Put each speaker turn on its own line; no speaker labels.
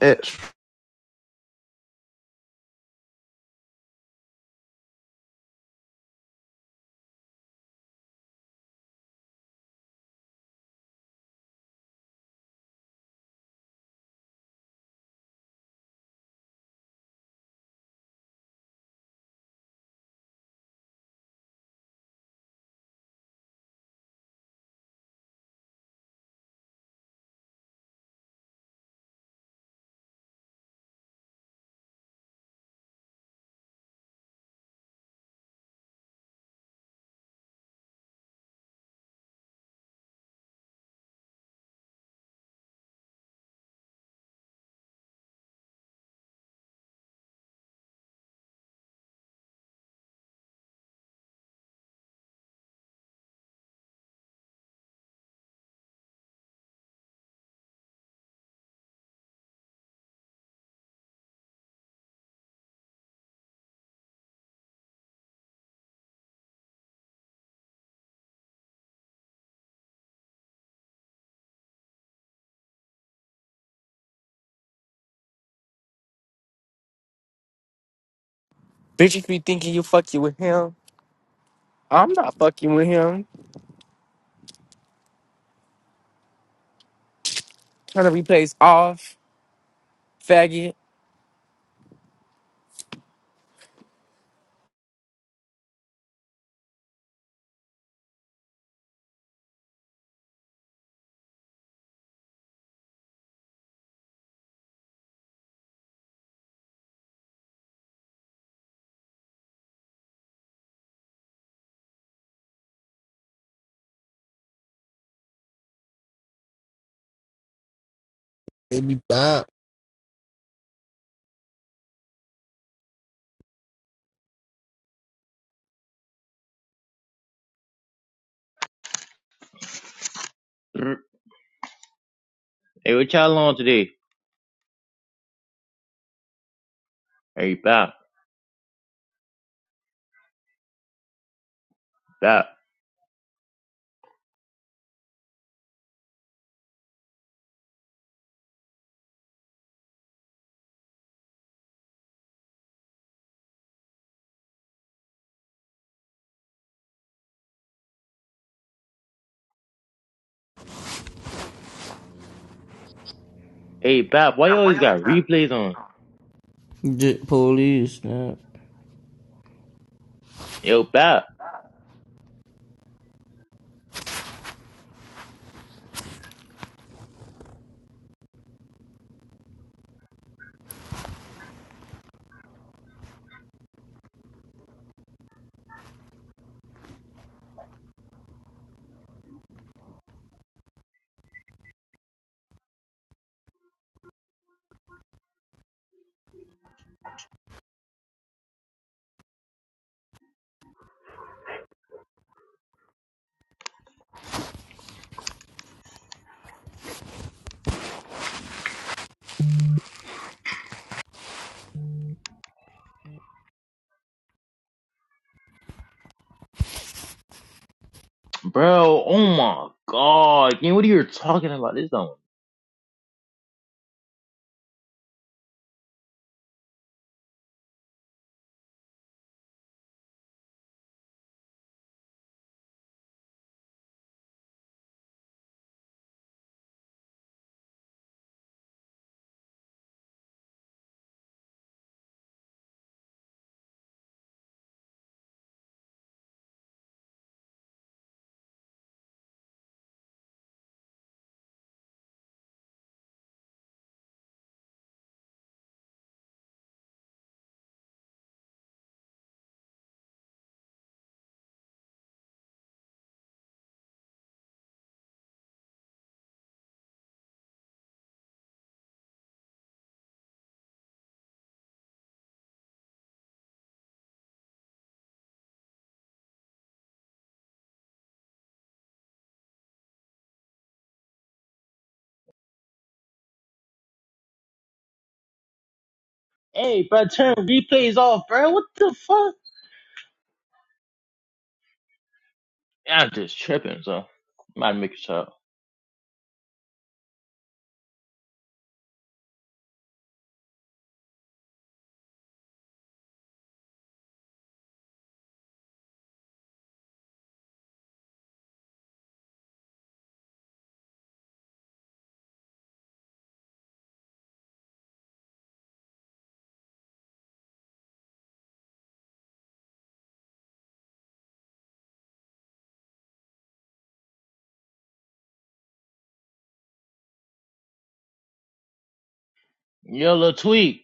its
Bitches be thinking you fucking with him. I'm not fucking with him. Trying to replace off, faggot.
maybe five.
Brr. Hey, what y'all on today? Hey, Bap, Bap. Hey, Bap, why you always got replays on?
Get police, snap.
Yo, Bap. Bro, oh my god. Man, what are you talking about? This on. Hey, bro, turn replays off, bro. What the fuck? I'm just tripping, so. I'm about to make a shot. Yo, Lil Tweak.